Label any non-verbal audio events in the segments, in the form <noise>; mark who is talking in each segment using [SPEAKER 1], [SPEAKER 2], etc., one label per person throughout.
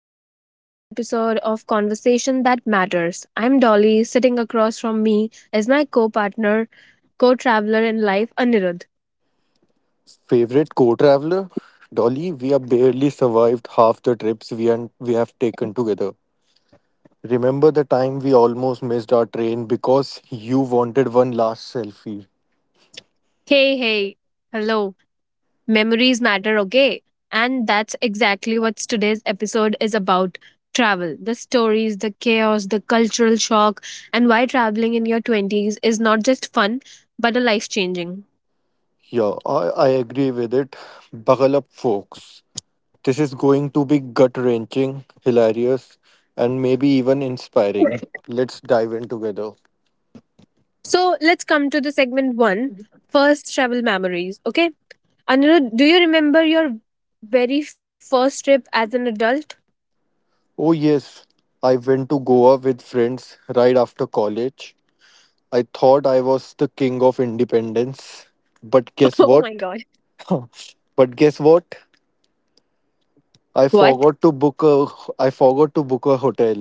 [SPEAKER 1] everyone, to another episode of Conversation That Matters. I'm Dolly. Sitting across from me is my co partner, co traveler in life, Anirudh.
[SPEAKER 2] Favorite co-traveler? Dolly, we have barely survived half the trips we have taken together. Remember the time we almost missed our train because you wanted one last selfie?
[SPEAKER 1] Hey, hey. Hello. Memories matter, okay? And that's exactly what today's episode is about travel, the stories, the chaos, the cultural shock, and why traveling in your 20s is not just fun, but a life changing.
[SPEAKER 2] Yeah, I agree with it. Buckle up, folks. This is going to be gut wrenching, hilarious, and maybe even inspiring. Let's dive in together.
[SPEAKER 1] So let's come to the segment one first travel memories, okay? Anirudh, do you remember your very first trip as an adult?
[SPEAKER 2] Oh, yes, I went to Goa with friends right after college. I thought I was the king of independence. But guess
[SPEAKER 1] <laughs> Oh
[SPEAKER 2] what?
[SPEAKER 1] my god.
[SPEAKER 2] <laughs> But guess what? I
[SPEAKER 1] What?
[SPEAKER 2] forgot to book a I forgot to book a hotel.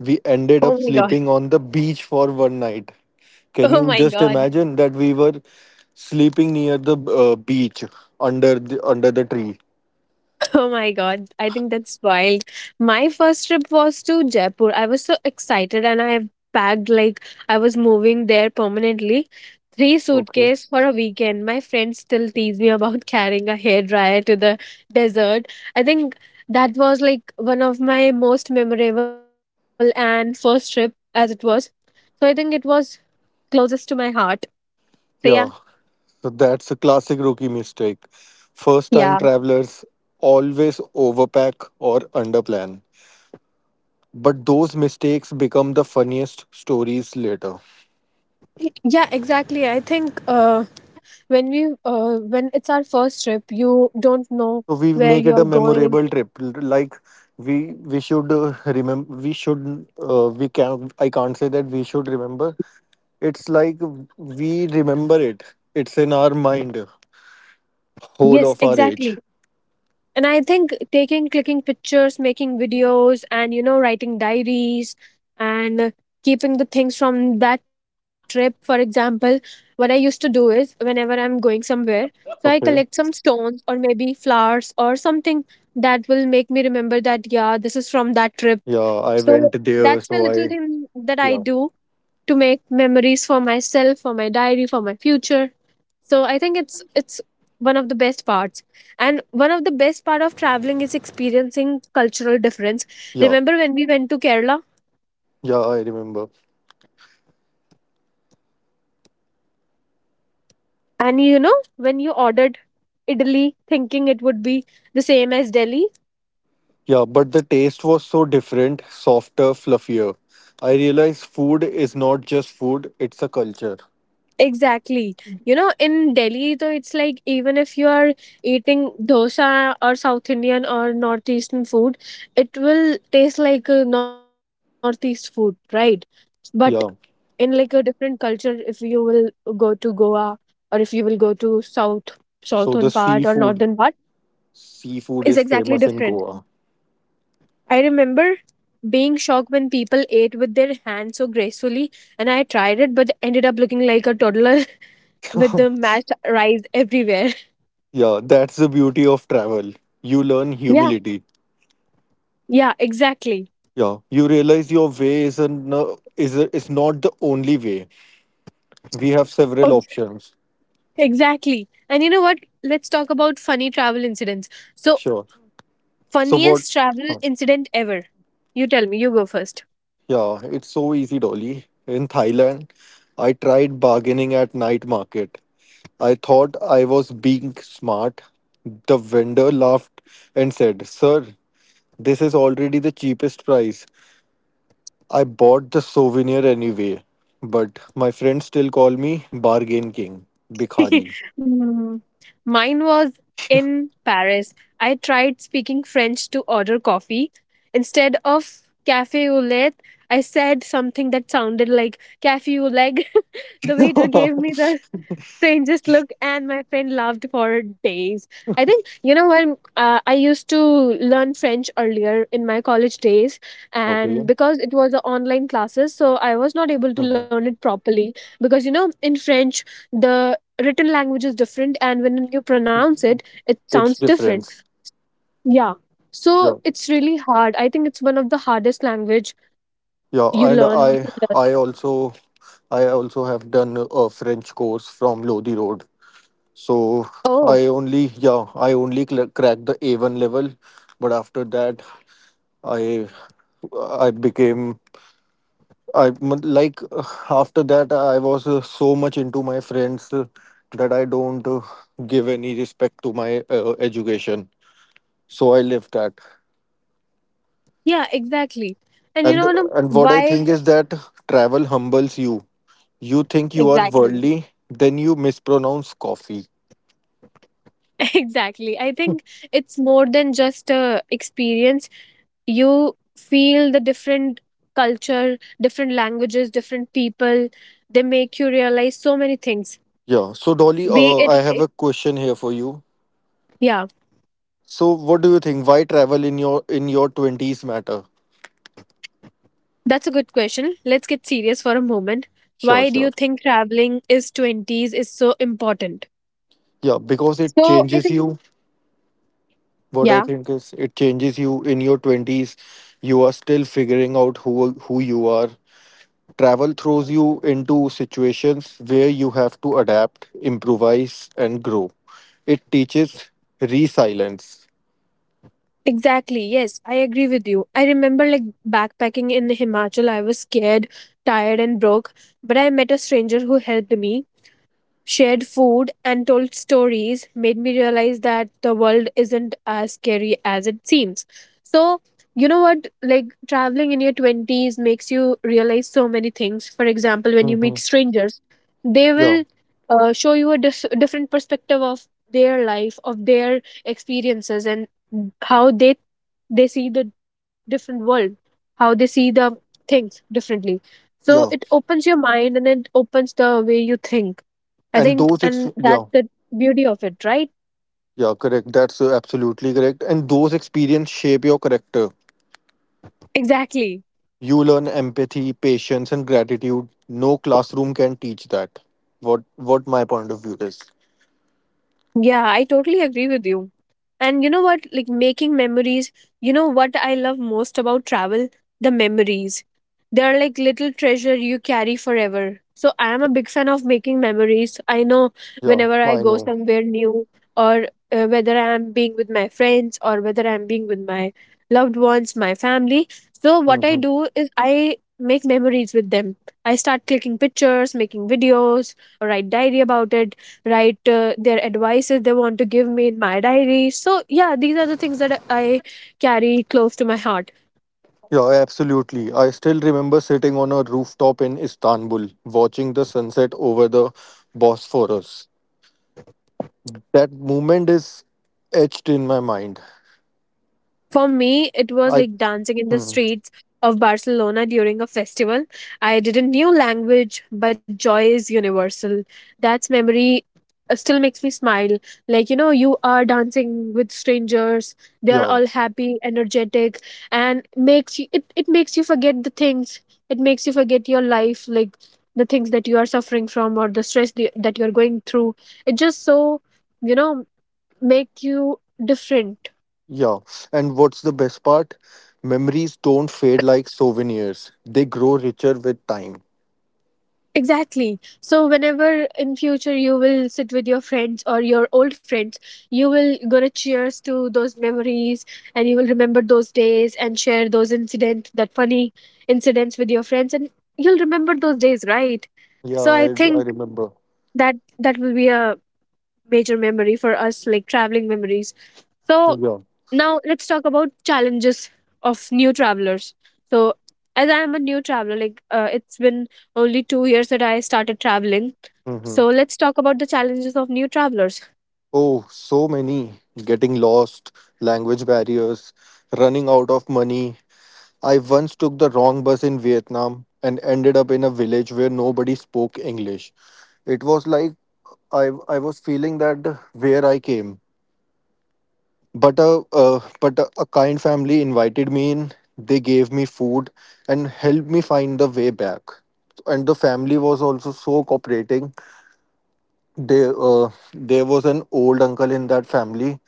[SPEAKER 2] We ended up
[SPEAKER 1] Oh my god.
[SPEAKER 2] sleeping on the beach for one night. Can
[SPEAKER 1] Oh
[SPEAKER 2] you
[SPEAKER 1] my
[SPEAKER 2] just
[SPEAKER 1] god.
[SPEAKER 2] imagine that we were sleeping near the beach under the tree?
[SPEAKER 1] Oh my god, I think that's wild. My first trip was to Jaipur. I was so excited and I packed like I was moving there permanently. Three
[SPEAKER 2] Okay.
[SPEAKER 1] suitcase for a weekend. My friends still tease me about <laughs> carrying a hairdryer to the desert. I think that was like one of my most memorable and first trip as it was. So I think it was closest to my heart. So yeah.
[SPEAKER 2] Yeah. So that's a classic rookie mistake. First
[SPEAKER 1] Yeah.
[SPEAKER 2] time travelers always overpack or underplan. But those mistakes become the funniest stories later.
[SPEAKER 1] Yeah, exactly. I think when we when it's our first trip, you don't know
[SPEAKER 2] So we
[SPEAKER 1] where
[SPEAKER 2] make it a
[SPEAKER 1] you're going.
[SPEAKER 2] memorable trip. Like we should remember. We should we can. I can't say that we should remember. It's like we remember it. It's in our mind,
[SPEAKER 1] Yes,
[SPEAKER 2] whole of our
[SPEAKER 1] exactly.
[SPEAKER 2] age.
[SPEAKER 1] And I think taking, clicking pictures, making videos, and writing diaries, and keeping the things from that trip. For example, what I used to do is whenever I'm going somewhere, so I collect
[SPEAKER 2] Okay.
[SPEAKER 1] some stones or maybe flowers or something that will make me remember that, yeah, this is from that trip.
[SPEAKER 2] Yeah, I
[SPEAKER 1] So
[SPEAKER 2] went there,
[SPEAKER 1] that's the
[SPEAKER 2] so
[SPEAKER 1] little
[SPEAKER 2] I
[SPEAKER 1] thing that I
[SPEAKER 2] yeah.
[SPEAKER 1] do to make memories for myself, for my diary, for my future. So I think it's one of the best parts. And one of the best part of traveling is experiencing cultural difference.
[SPEAKER 2] Yeah,
[SPEAKER 1] Remember when we went to Kerala
[SPEAKER 2] yeah I remember.
[SPEAKER 1] and you know when you ordered idli thinking it would be the same as Delhi?
[SPEAKER 2] Yeah, but the taste was so different, softer, fluffier. I realized food is not just food; it's a culture.
[SPEAKER 1] Exactly. You know in Delhi though it's like even if you are eating dosa or South Indian or northeastern food, it will taste like a northeast food, right? But in
[SPEAKER 2] Yeah.
[SPEAKER 1] like a different culture, if you will go to Goa or if you will go to south, southern
[SPEAKER 2] So the
[SPEAKER 1] part or northern part is
[SPEAKER 2] seafood is
[SPEAKER 1] exactly
[SPEAKER 2] famous in
[SPEAKER 1] different.
[SPEAKER 2] Goa.
[SPEAKER 1] I remember being shocked when people ate with their hands so gracefully, and I tried it but ended up looking like a toddler <laughs> with the
[SPEAKER 2] <laughs>
[SPEAKER 1] mashed rice everywhere.
[SPEAKER 2] Yeah, that's the beauty of travel. You learn
[SPEAKER 1] Yeah,
[SPEAKER 2] humility.
[SPEAKER 1] yeah, exactly.
[SPEAKER 2] Yeah, you realize your way isn't is not the only way. We have
[SPEAKER 1] Oh,
[SPEAKER 2] several options.
[SPEAKER 1] exactly. And you know what, let's talk about funny travel incidents. So,
[SPEAKER 2] Sure. So what?
[SPEAKER 1] funniest travel
[SPEAKER 2] Huh.
[SPEAKER 1] incident ever. You tell me, you go first.
[SPEAKER 2] Yeah, it's so easy, Dolly. In Thailand, I tried bargaining at night market. I thought I was being smart. The vendor laughed and said, "Sir, this is already the cheapest price. I bought the souvenir anyway, but my friends still call me Bargain King, Bikhari.
[SPEAKER 1] <laughs> Mm. Mine was in Paris. I tried speaking French to order coffee. Instead of cafe au lait, I said something that sounded like cafe au leg. <laughs> The waiter gave
[SPEAKER 2] <laughs>
[SPEAKER 1] me the strangest look and my friend laughed for days. I think, you know, when I used to learn French earlier in my college days, and
[SPEAKER 2] Okay.
[SPEAKER 1] because it was a online classes, so I was not able to learn
[SPEAKER 2] Mhm.
[SPEAKER 1] it properly. Because you know in French, the written language is different, and when you pronounce it, it sounds
[SPEAKER 2] It's
[SPEAKER 1] different.
[SPEAKER 2] difference.
[SPEAKER 1] Yeah, so
[SPEAKER 2] Yeah.
[SPEAKER 1] it's really hard. I think it's one of the hardest language
[SPEAKER 2] Yeah,
[SPEAKER 1] you
[SPEAKER 2] and
[SPEAKER 1] learn, you can learn.
[SPEAKER 2] I also I also have done a French course from Lodi Road. So
[SPEAKER 1] Oh,
[SPEAKER 2] I only cracked the A1 level, but after that I I became I m- like after that I was so much into my friends that I don't give any respect to my education. So I left that.
[SPEAKER 1] yeah, exactly. And you
[SPEAKER 2] And
[SPEAKER 1] know, Anam,
[SPEAKER 2] and what I
[SPEAKER 1] why
[SPEAKER 2] think is that travel humbles you. You think you are
[SPEAKER 1] exactly.
[SPEAKER 2] worldly, then you mispronounce coffee.
[SPEAKER 1] <laughs> Exactly, I think it's more than just a experience. You feel the different culture, different languages, different people. They make you realize so many things.
[SPEAKER 2] Yeah. So Dolly,
[SPEAKER 1] Be it,
[SPEAKER 2] I have
[SPEAKER 1] it,
[SPEAKER 2] a question here for you.
[SPEAKER 1] yeah.
[SPEAKER 2] So what do you think? Why travel in your twenties matter?
[SPEAKER 1] That's a good question. Let's get serious for a moment.
[SPEAKER 2] Sure,
[SPEAKER 1] Why do you
[SPEAKER 2] sure.
[SPEAKER 1] think traveling is 20s is so important?
[SPEAKER 2] Yeah, because it
[SPEAKER 1] So I
[SPEAKER 2] changes
[SPEAKER 1] think,
[SPEAKER 2] you. What I
[SPEAKER 1] yeah,
[SPEAKER 2] think is it changes you in your 20s. You are still figuring out who you are. Travel throws you into situations where you have to adapt, improvise, and grow. It teaches resilience.
[SPEAKER 1] exactly. Yes, I agree with you. I remember like backpacking in Himachal, I was scared, tired and broke, but I met a stranger who helped me, shared food, and told stories, made me realize that the world isn't as scary as it seems. So, you know what? Like traveling in your 20s makes you realize so many things. For example, when you meet
[SPEAKER 2] Mm-hmm.
[SPEAKER 1] strangers, they
[SPEAKER 2] Yeah,
[SPEAKER 1] will show you a different perspective of their life, of their experiences, and how they see the different world, how they see the things differently. So it
[SPEAKER 2] yeah,
[SPEAKER 1] opens your mind and it opens the way you think. I
[SPEAKER 2] and
[SPEAKER 1] think, and that's
[SPEAKER 2] yeah,
[SPEAKER 1] the beauty of it, right?
[SPEAKER 2] yeah, correct. That's absolutely correct. And those experiences shape your character.
[SPEAKER 1] Exactly.
[SPEAKER 2] You learn empathy, patience, and gratitude. No classroom can teach that. What my point of view is.
[SPEAKER 1] Yeah, I totally agree with you. And you know what? Like making memories, you know what I love most about travel? The memories. They're like little treasure you carry forever. So I am a big fan of making memories. I know
[SPEAKER 2] Yeah,
[SPEAKER 1] whenever I
[SPEAKER 2] I
[SPEAKER 1] go
[SPEAKER 2] know.
[SPEAKER 1] somewhere new, or whether I am being with my friends or whether I'm being with my loved ones, my family. So what I
[SPEAKER 2] Mhm.
[SPEAKER 1] do is I make memories with them. I start clicking pictures, making videos, or write diary about it, write their advices they want to give me in my diary. So yeah, these are the things that I carry close to my heart.
[SPEAKER 2] Yeah, absolutely. I still remember sitting on a rooftop in Istanbul, watching the sunset over the Bosphorus. That moment is etched in my mind.
[SPEAKER 1] For me, it was
[SPEAKER 2] I,
[SPEAKER 1] like dancing in the
[SPEAKER 2] Mhm.
[SPEAKER 1] streets of Barcelona during a festival. I did a new language, but joy is universal. That's memory still makes me smile. Like, you know, you are dancing with strangers, they are
[SPEAKER 2] Yeah,
[SPEAKER 1] all happy, energetic, and makes you it makes you forget the things. It makes you forget your life, like the things that you are suffering from or the stress that you are going through. It just so, you know, make you different.
[SPEAKER 2] yeah. And what's the best part? Memories don't fade like souvenirs, they grow richer with time.
[SPEAKER 1] Exactly. So whenever in future you will sit with your friends or your old friends, you will gonna cheers to those memories and you will remember those days and share those incident, that funny incidents with your friends, and you'll remember those days, right?
[SPEAKER 2] Yeah,
[SPEAKER 1] So I
[SPEAKER 2] I
[SPEAKER 1] think
[SPEAKER 2] remember.
[SPEAKER 1] that will be a major memory for us, like traveling memories. So
[SPEAKER 2] Yeah.
[SPEAKER 1] now let's talk about challenges of new travelers. So as I am a new traveler, like it's been only 2 years that I started traveling.
[SPEAKER 2] Hmm.
[SPEAKER 1] So let's talk about the challenges of new travelers.
[SPEAKER 2] Oh, so many. Getting lost, language barriers, running out of money, I once took the wrong bus in Vietnam and ended up in a village where nobody spoke English. It was like I was feeling that where I came. But a kind family invited me in. They gave me food and helped me find the way back. And the family was also so cooperating. They there was an old uncle in that family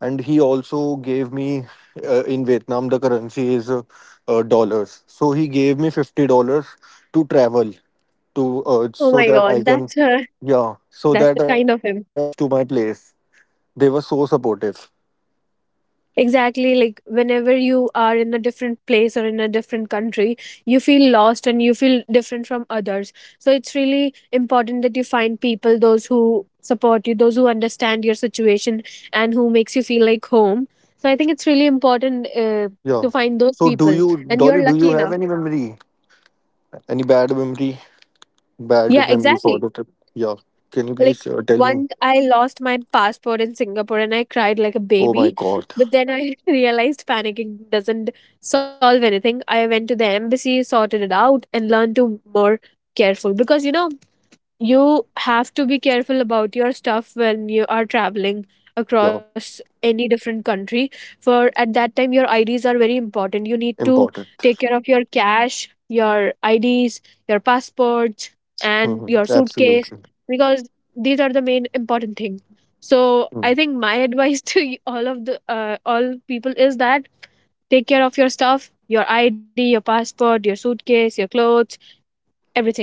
[SPEAKER 2] and he also gave me in Vietnam the currency is dollars. So he gave me $50 to travel to
[SPEAKER 1] Oh
[SPEAKER 2] so
[SPEAKER 1] my
[SPEAKER 2] that I
[SPEAKER 1] god,
[SPEAKER 2] can
[SPEAKER 1] that's a,
[SPEAKER 2] yeah so
[SPEAKER 1] that's a
[SPEAKER 2] that
[SPEAKER 1] kind
[SPEAKER 2] I
[SPEAKER 1] of
[SPEAKER 2] can
[SPEAKER 1] him.
[SPEAKER 2] reach to my place. They were so supportive.
[SPEAKER 1] Exactly, like whenever you are in a different place or in a different country, you feel lost and you feel different from others. So it's really important that you find people, those who support you, those who understand your situation and who makes you feel like home. So I think it's really important
[SPEAKER 2] Yeah.
[SPEAKER 1] to find those
[SPEAKER 2] So do
[SPEAKER 1] people,
[SPEAKER 2] you,
[SPEAKER 1] and
[SPEAKER 2] Dolly?
[SPEAKER 1] you're
[SPEAKER 2] Do
[SPEAKER 1] lucky
[SPEAKER 2] you have
[SPEAKER 1] enough.
[SPEAKER 2] any memory? Any bad memory?
[SPEAKER 1] Yeah,
[SPEAKER 2] Bad memory for
[SPEAKER 1] exactly.
[SPEAKER 2] the trip? Yeah. Can you
[SPEAKER 1] Like
[SPEAKER 2] please tell me?
[SPEAKER 1] once I lost my passport in Singapore and I cried like a
[SPEAKER 2] Oh my
[SPEAKER 1] baby.
[SPEAKER 2] God.
[SPEAKER 1] But then I <laughs> realized panicking doesn't solve anything. I went to the embassy, sorted it out, and learned to more careful, because you know you have to be careful about your stuff when you are traveling
[SPEAKER 2] Yeah.
[SPEAKER 1] across any different country. For at that time your IDs are very important. You need to take
[SPEAKER 2] Important.
[SPEAKER 1] care of your cash, your IDs, your passports, and
[SPEAKER 2] Hmm.
[SPEAKER 1] your suitcase,
[SPEAKER 2] Absolutely.
[SPEAKER 1] because these are the main important thing. So I
[SPEAKER 2] Mm.
[SPEAKER 1] think my advice <laughs> to all of the all people is that take care of your stuff, your ID, your passport, your suitcase, your clothes, everything,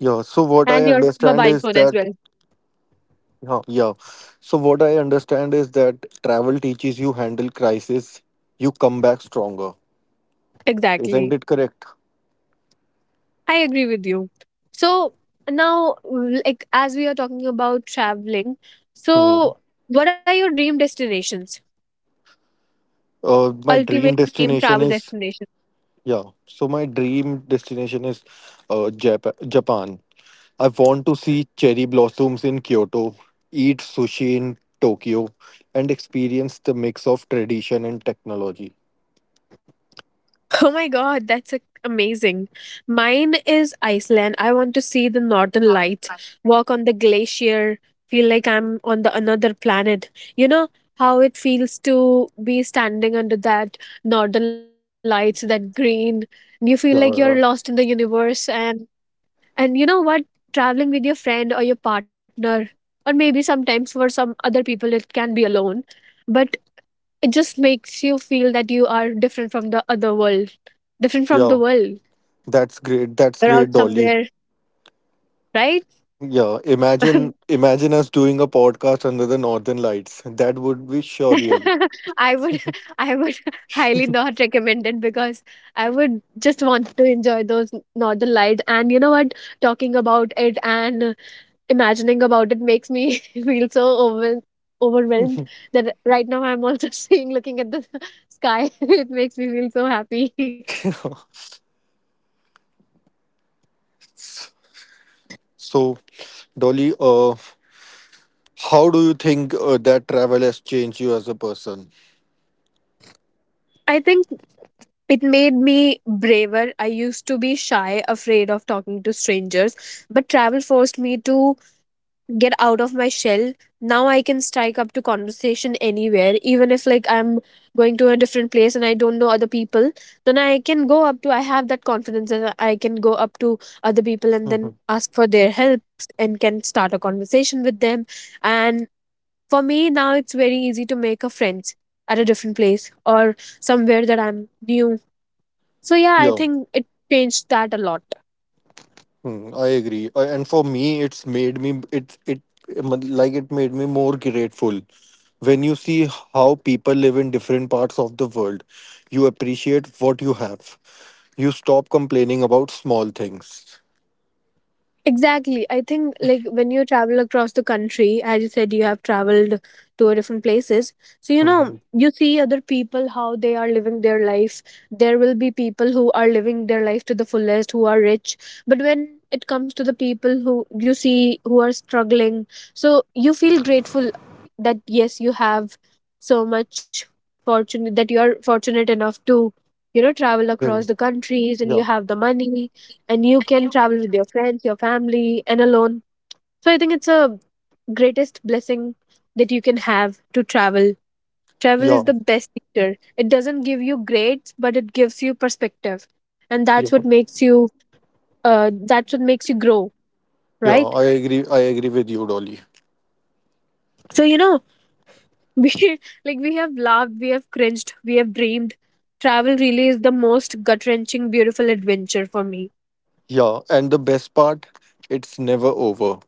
[SPEAKER 2] Yeah, so what
[SPEAKER 1] and
[SPEAKER 2] I
[SPEAKER 1] your
[SPEAKER 2] understand
[SPEAKER 1] mobile phone
[SPEAKER 2] is
[SPEAKER 1] as well.
[SPEAKER 2] that Yeah, yeah. So what I understand is that travel teaches you handle crisis, you come back stronger. Isn't
[SPEAKER 1] Exactly.
[SPEAKER 2] it correct?
[SPEAKER 1] I agree with you. So now, like as we are talking about traveling,
[SPEAKER 2] Hmm.
[SPEAKER 1] so what are your dream destinations?
[SPEAKER 2] My
[SPEAKER 1] Ultimate
[SPEAKER 2] dream
[SPEAKER 1] dream travel
[SPEAKER 2] destination is
[SPEAKER 1] destination. <laughs>
[SPEAKER 2] yeah. So my dream destination is Japan. I want to see cherry blossoms in Kyoto, eat sushi in Tokyo, and experience the mix of tradition and technology.
[SPEAKER 1] Oh my god, that's amazing. Mine is Iceland. I want to see the northern lights, walk on the glacier, feel like I'm on the another planet. You know how it feels to be standing under that northern lights, that green. You feel like you're
[SPEAKER 2] Yeah,
[SPEAKER 1] lost in the
[SPEAKER 2] yeah.
[SPEAKER 1] universe. And you know what? Traveling with your friend or your partner, or maybe sometimes for some other people, it can be alone, but it just makes you feel that you are different from the other world, different from the
[SPEAKER 2] Yeah,
[SPEAKER 1] world.
[SPEAKER 2] that's great. That's
[SPEAKER 1] You're
[SPEAKER 2] great,
[SPEAKER 1] out
[SPEAKER 2] Dolly.
[SPEAKER 1] somewhere, right?
[SPEAKER 2] Yeah,
[SPEAKER 1] <laughs>
[SPEAKER 2] imagine us doing a podcast under the northern lights. That would be surreal.
[SPEAKER 1] I would, I would highly not recommend it, because I would just want to enjoy those northern lights. And you know what? Talking about it and imagining about it makes me <laughs> feel so overwhelmed that right now I'm also <laughs> looking at the <laughs> sky. <laughs> It makes me feel so happy. <laughs>
[SPEAKER 2] <laughs> So, Dolly, how do you think that travel has changed you as a person?
[SPEAKER 1] I think it made me braver. I used to be shy, afraid of talking to strangers, but travel forced me to get out of my shell. Now I can strike up to conversation anywhere, even if like I'm going to a different place and I don't know other people. Then I can go up to. I have that confidence that I can go up to other people and then
[SPEAKER 2] Mhm.
[SPEAKER 1] ask for their help, and can start a conversation with them. And for me now, it's very easy to make a friend at a different place or somewhere that I'm new. So yeah, I
[SPEAKER 2] Yeah.
[SPEAKER 1] think it changed that a lot.
[SPEAKER 2] Hmm, I agree. And for me, it made me more grateful when you see how people live in different parts of the world. You appreciate what you have. You stop complaining about small things.
[SPEAKER 1] Exactly. I think like when you travel across the country, as you said, you have traveled to a different places. So you know,
[SPEAKER 2] Mhm.
[SPEAKER 1] you see other people how they are living their life. There will be people who are living their life to the fullest, who are rich. But when it comes to the people who you see who are struggling, so you feel grateful that yes, you have so much fortune that you are fortunate enough to, you know, travel across
[SPEAKER 2] Then,
[SPEAKER 1] the countries and
[SPEAKER 2] yeah.
[SPEAKER 1] you have the money and you can travel with your friends, your family, and alone. So I think it's a greatest blessing that you can have to travel. Travel
[SPEAKER 2] Yeah,
[SPEAKER 1] is the best teacher. It doesn't give you grades, but it gives you perspective, and that's what
[SPEAKER 2] yeah,
[SPEAKER 1] makes you that's what makes you grow,
[SPEAKER 2] yeah.
[SPEAKER 1] right?
[SPEAKER 2] I agree. I agree with you, Dolly.
[SPEAKER 1] So you know, <laughs> we like we have laughed, we have cringed, we have dreamed. Travel really is the most gut wrenching, beautiful adventure for me.
[SPEAKER 2] Yeah, and the best part, it's never over.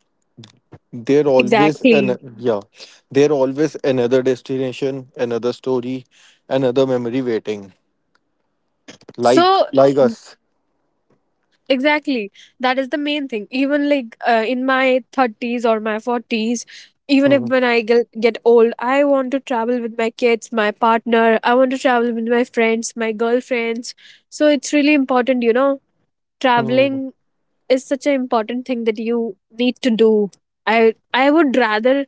[SPEAKER 2] There always
[SPEAKER 1] Exactly.
[SPEAKER 2] an yeah, there always another destination, another story, another memory waiting. Like
[SPEAKER 1] So
[SPEAKER 2] us.
[SPEAKER 1] exactly, that is the main thing. Even in my 30s or my 40s, even if
[SPEAKER 2] Mhm.
[SPEAKER 1] when I get, old, I want to travel with my kids, my partner, I want to travel with my friends, my girlfriends. So it's really important, you know,
[SPEAKER 2] Mhm.
[SPEAKER 1] traveling is such an important thing that you need to do. I would rather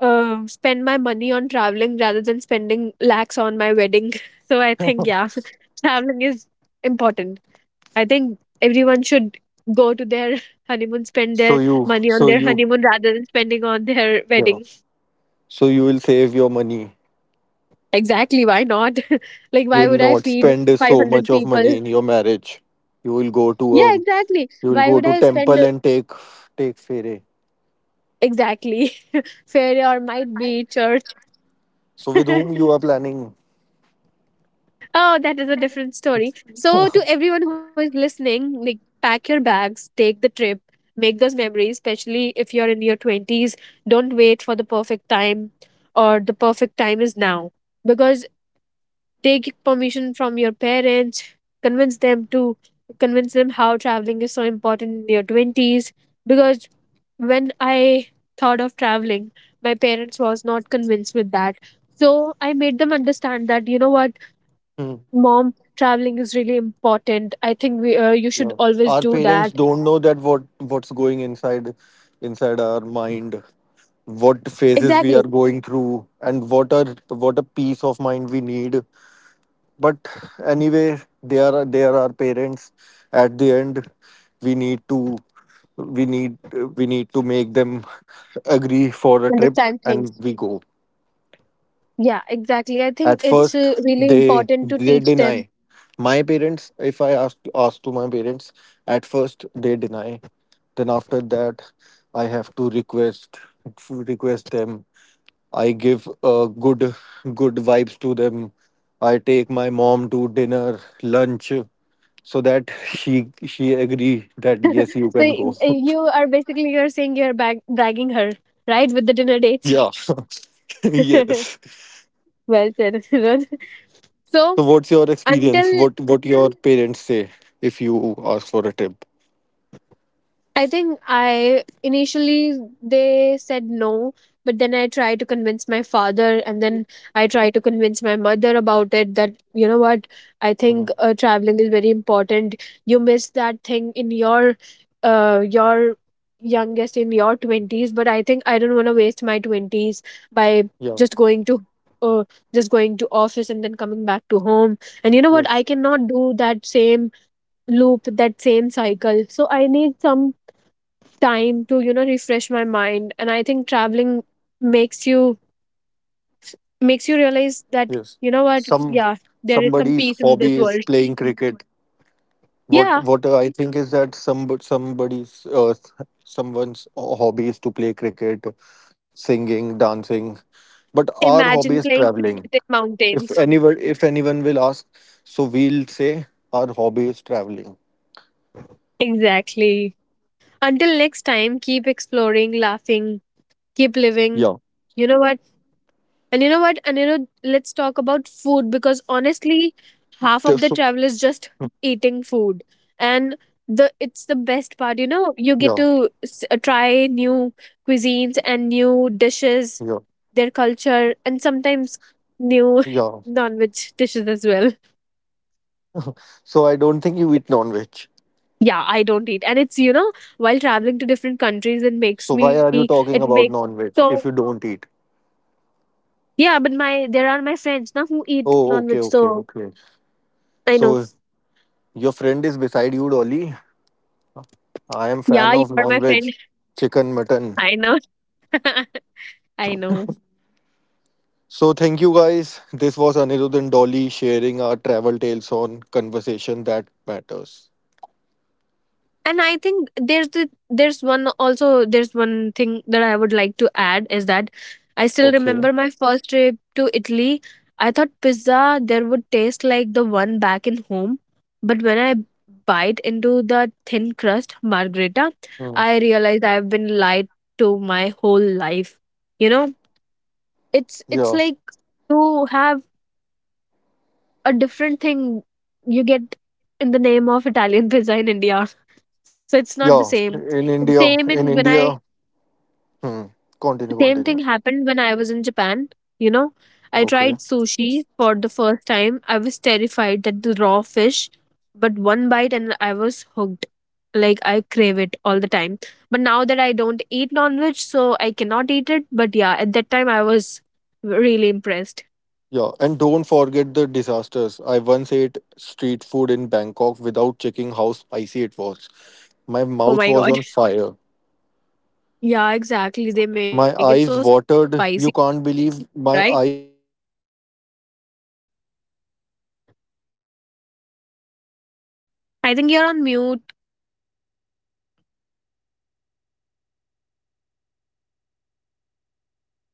[SPEAKER 1] spend my money on traveling rather than spending lakhs on my wedding. <laughs> So I think yeah,
[SPEAKER 2] <laughs>
[SPEAKER 1] <laughs> traveling is important. I think everyone should go to their <laughs> honeymoon, spend their money on
[SPEAKER 2] so
[SPEAKER 1] their
[SPEAKER 2] you,
[SPEAKER 1] honeymoon rather than spending on their
[SPEAKER 2] yeah.
[SPEAKER 1] wedding.
[SPEAKER 2] So you will save your money.
[SPEAKER 1] Exactly, why not? <laughs> Like,
[SPEAKER 2] You
[SPEAKER 1] why
[SPEAKER 2] will
[SPEAKER 1] would I
[SPEAKER 2] not
[SPEAKER 1] feed
[SPEAKER 2] spend so much
[SPEAKER 1] 500
[SPEAKER 2] of money
[SPEAKER 1] people?
[SPEAKER 2] in your marriage. You will go to
[SPEAKER 1] Yeah, exactly.
[SPEAKER 2] you will
[SPEAKER 1] Why
[SPEAKER 2] go
[SPEAKER 1] would
[SPEAKER 2] to
[SPEAKER 1] I spend
[SPEAKER 2] temple and take fere.
[SPEAKER 1] exactly <laughs> fair or might be church?
[SPEAKER 2] So with whom
[SPEAKER 1] <laughs>
[SPEAKER 2] you are planning?
[SPEAKER 1] Oh, that is a different story. So, to everyone who is listening, like pack your bags, take the trip, make those memories, especially if you're in your 20s. Don't wait for the perfect time or the perfect time is now. Because take permission from your parents, convince them to convince them how traveling is so important in your 20s. Because when I thought of traveling, my parents was not convinced with that. So I made them understand that you know what,
[SPEAKER 2] Hmm.
[SPEAKER 1] mom, traveling is really important. I think we, you
[SPEAKER 2] Yeah.
[SPEAKER 1] should always
[SPEAKER 2] Our
[SPEAKER 1] do
[SPEAKER 2] parents
[SPEAKER 1] that
[SPEAKER 2] don't know that what's going inside our mind, what phases we
[SPEAKER 1] exactly,
[SPEAKER 2] are going through, and what a peace of mind we need. But anyway, they are our parents. At the end, we need to we need we need to make them agree for a trip,
[SPEAKER 1] understand
[SPEAKER 2] and
[SPEAKER 1] things.
[SPEAKER 2] we go.
[SPEAKER 1] Yeah, exactly, I think
[SPEAKER 2] At
[SPEAKER 1] it's
[SPEAKER 2] first,
[SPEAKER 1] really important to
[SPEAKER 2] they
[SPEAKER 1] teach them.
[SPEAKER 2] deny. My parents, if I ask to my parents, at first they deny. Then after that, I have to request them. I give good vibes to them. I take my mom to dinner, lunch, so that she agree that yes, you
[SPEAKER 1] So
[SPEAKER 2] can go. <laughs>
[SPEAKER 1] you are basically, you're saying you're bragging her, right, with the dinner
[SPEAKER 2] Yeah,
[SPEAKER 1] dates.
[SPEAKER 2] <laughs> yes.
[SPEAKER 1] <laughs> Well said, Rohit.
[SPEAKER 2] So what's
[SPEAKER 1] So
[SPEAKER 2] your experience? What
[SPEAKER 1] until
[SPEAKER 2] what your parents say if you ask for a tip?
[SPEAKER 1] I think I initially they said no, but then I tried to convince my father, and then I tried to convince my mother about it that you know what, I
[SPEAKER 2] Mm.
[SPEAKER 1] think traveling is very important. You miss that thing in your uh your youngest in your 20s, but I think I don't want to waste my 20s by
[SPEAKER 2] Yeah,
[SPEAKER 1] just going to uh, just going to office and then coming back to home, and you know what,
[SPEAKER 2] yes,
[SPEAKER 1] I cannot do that same loop, that same cycle, so I need some time to, you know, refresh my mind, and I think traveling makes you makes you
[SPEAKER 2] yes.
[SPEAKER 1] realize that you know
[SPEAKER 2] Some
[SPEAKER 1] what, yeah, there
[SPEAKER 2] somebody's
[SPEAKER 1] is some
[SPEAKER 2] hobby
[SPEAKER 1] peace
[SPEAKER 2] is
[SPEAKER 1] in this
[SPEAKER 2] playing
[SPEAKER 1] world.
[SPEAKER 2] cricket. What
[SPEAKER 1] Yeah,
[SPEAKER 2] I think is that somebody's someone's hobby is to play cricket, singing, dancing, but our hobby is
[SPEAKER 1] imagine playing
[SPEAKER 2] traveling.
[SPEAKER 1] cricket in mountains.
[SPEAKER 2] If anyone will ask, so we'll say our hobby is traveling.
[SPEAKER 1] Exactly. Until next time, keep exploring, laughing, keep
[SPEAKER 2] Yeah.
[SPEAKER 1] living. You know what, and you know what, Anirudh, let's talk about food
[SPEAKER 2] So
[SPEAKER 1] because honestly,
[SPEAKER 2] Hmm.
[SPEAKER 1] half of the travel is just eating food. And the it's the best
[SPEAKER 2] Yeah,
[SPEAKER 1] part, you know, you get to try new cuisines and new
[SPEAKER 2] yeah,
[SPEAKER 1] dishes, their culture, and sometimes
[SPEAKER 2] yeah.
[SPEAKER 1] new <laughs> non-veg dishes as well.
[SPEAKER 2] So I don't think you eat non-veg.
[SPEAKER 1] Yeah, I don't eat. And it's, you know, while traveling to different countries,
[SPEAKER 2] So why are you
[SPEAKER 1] it
[SPEAKER 2] talking
[SPEAKER 1] makes.
[SPEAKER 2] about
[SPEAKER 1] So
[SPEAKER 2] non-veg if you don't eat?
[SPEAKER 1] yeah, but my there are my friends now who eat
[SPEAKER 2] Oh,
[SPEAKER 1] non-veg,
[SPEAKER 2] okay, okay,
[SPEAKER 1] so
[SPEAKER 2] okay.
[SPEAKER 1] I know.
[SPEAKER 2] So your friend is beside you, Dolly. I am
[SPEAKER 1] Yeah,
[SPEAKER 2] fan
[SPEAKER 1] you
[SPEAKER 2] of
[SPEAKER 1] are my
[SPEAKER 2] non-veg,
[SPEAKER 1] friend.
[SPEAKER 2] chicken, mutton.
[SPEAKER 1] I know. <laughs> I know.
[SPEAKER 2] So thank you guys. This was Anirudh and Dolly sharing our travel tales on conversation that matters.
[SPEAKER 1] And I think there's one also there's one thing that I would like to add is that I still
[SPEAKER 2] Okay.
[SPEAKER 1] remember my first trip to Italy. I thought pizza there would taste like the one back in home, but when I bite into the thin crust margherita,
[SPEAKER 2] Hmm.
[SPEAKER 1] I realized I've been lied to my whole life. You know, it's
[SPEAKER 2] Yeah.
[SPEAKER 1] like you have a different thing you get in the name of Italian pizza in India. So it's not the
[SPEAKER 2] Yeah.
[SPEAKER 1] same.
[SPEAKER 2] In
[SPEAKER 1] Same
[SPEAKER 2] India.
[SPEAKER 1] in when
[SPEAKER 2] In
[SPEAKER 1] I
[SPEAKER 2] India. Hmm. Continue.
[SPEAKER 1] Same thing
[SPEAKER 2] Continue.
[SPEAKER 1] happened when I was in Japan, you know. I
[SPEAKER 2] Okay.
[SPEAKER 1] tried sushi for the first time. I was terrified that the raw fish, but one bite and I was hooked. Like I crave it all the time. But now that I don't eat non-veg, so I cannot eat it. But yeah, at that time I was really impressed.
[SPEAKER 2] Yeah. And don't forget the disasters. I once ate street food in Bangkok without checking how spicy it was. My
[SPEAKER 1] Oh
[SPEAKER 2] mouth
[SPEAKER 1] my
[SPEAKER 2] was
[SPEAKER 1] god.
[SPEAKER 2] on
[SPEAKER 1] <laughs>
[SPEAKER 2] fire.
[SPEAKER 1] Yeah, exactly. They make it so spicy, right? I think you're on mute.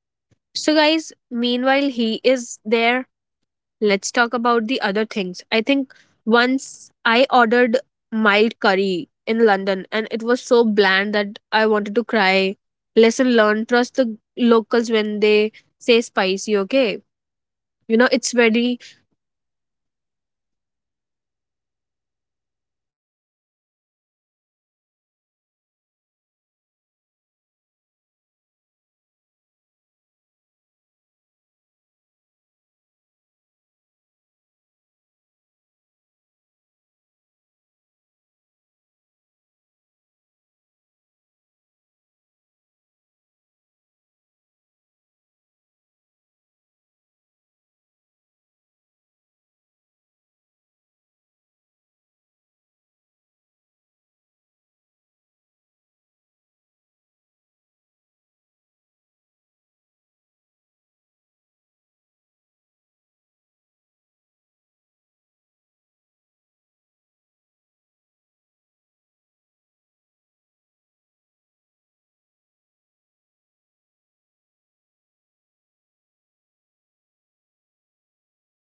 [SPEAKER 1] So guys, meanwhile he is there. Let's talk about the other things. I think once I ordered mild curry in London and it was so bland that I wanted to cry. Lesson learned, trust the locals when they say spicy, okay? You know, it's very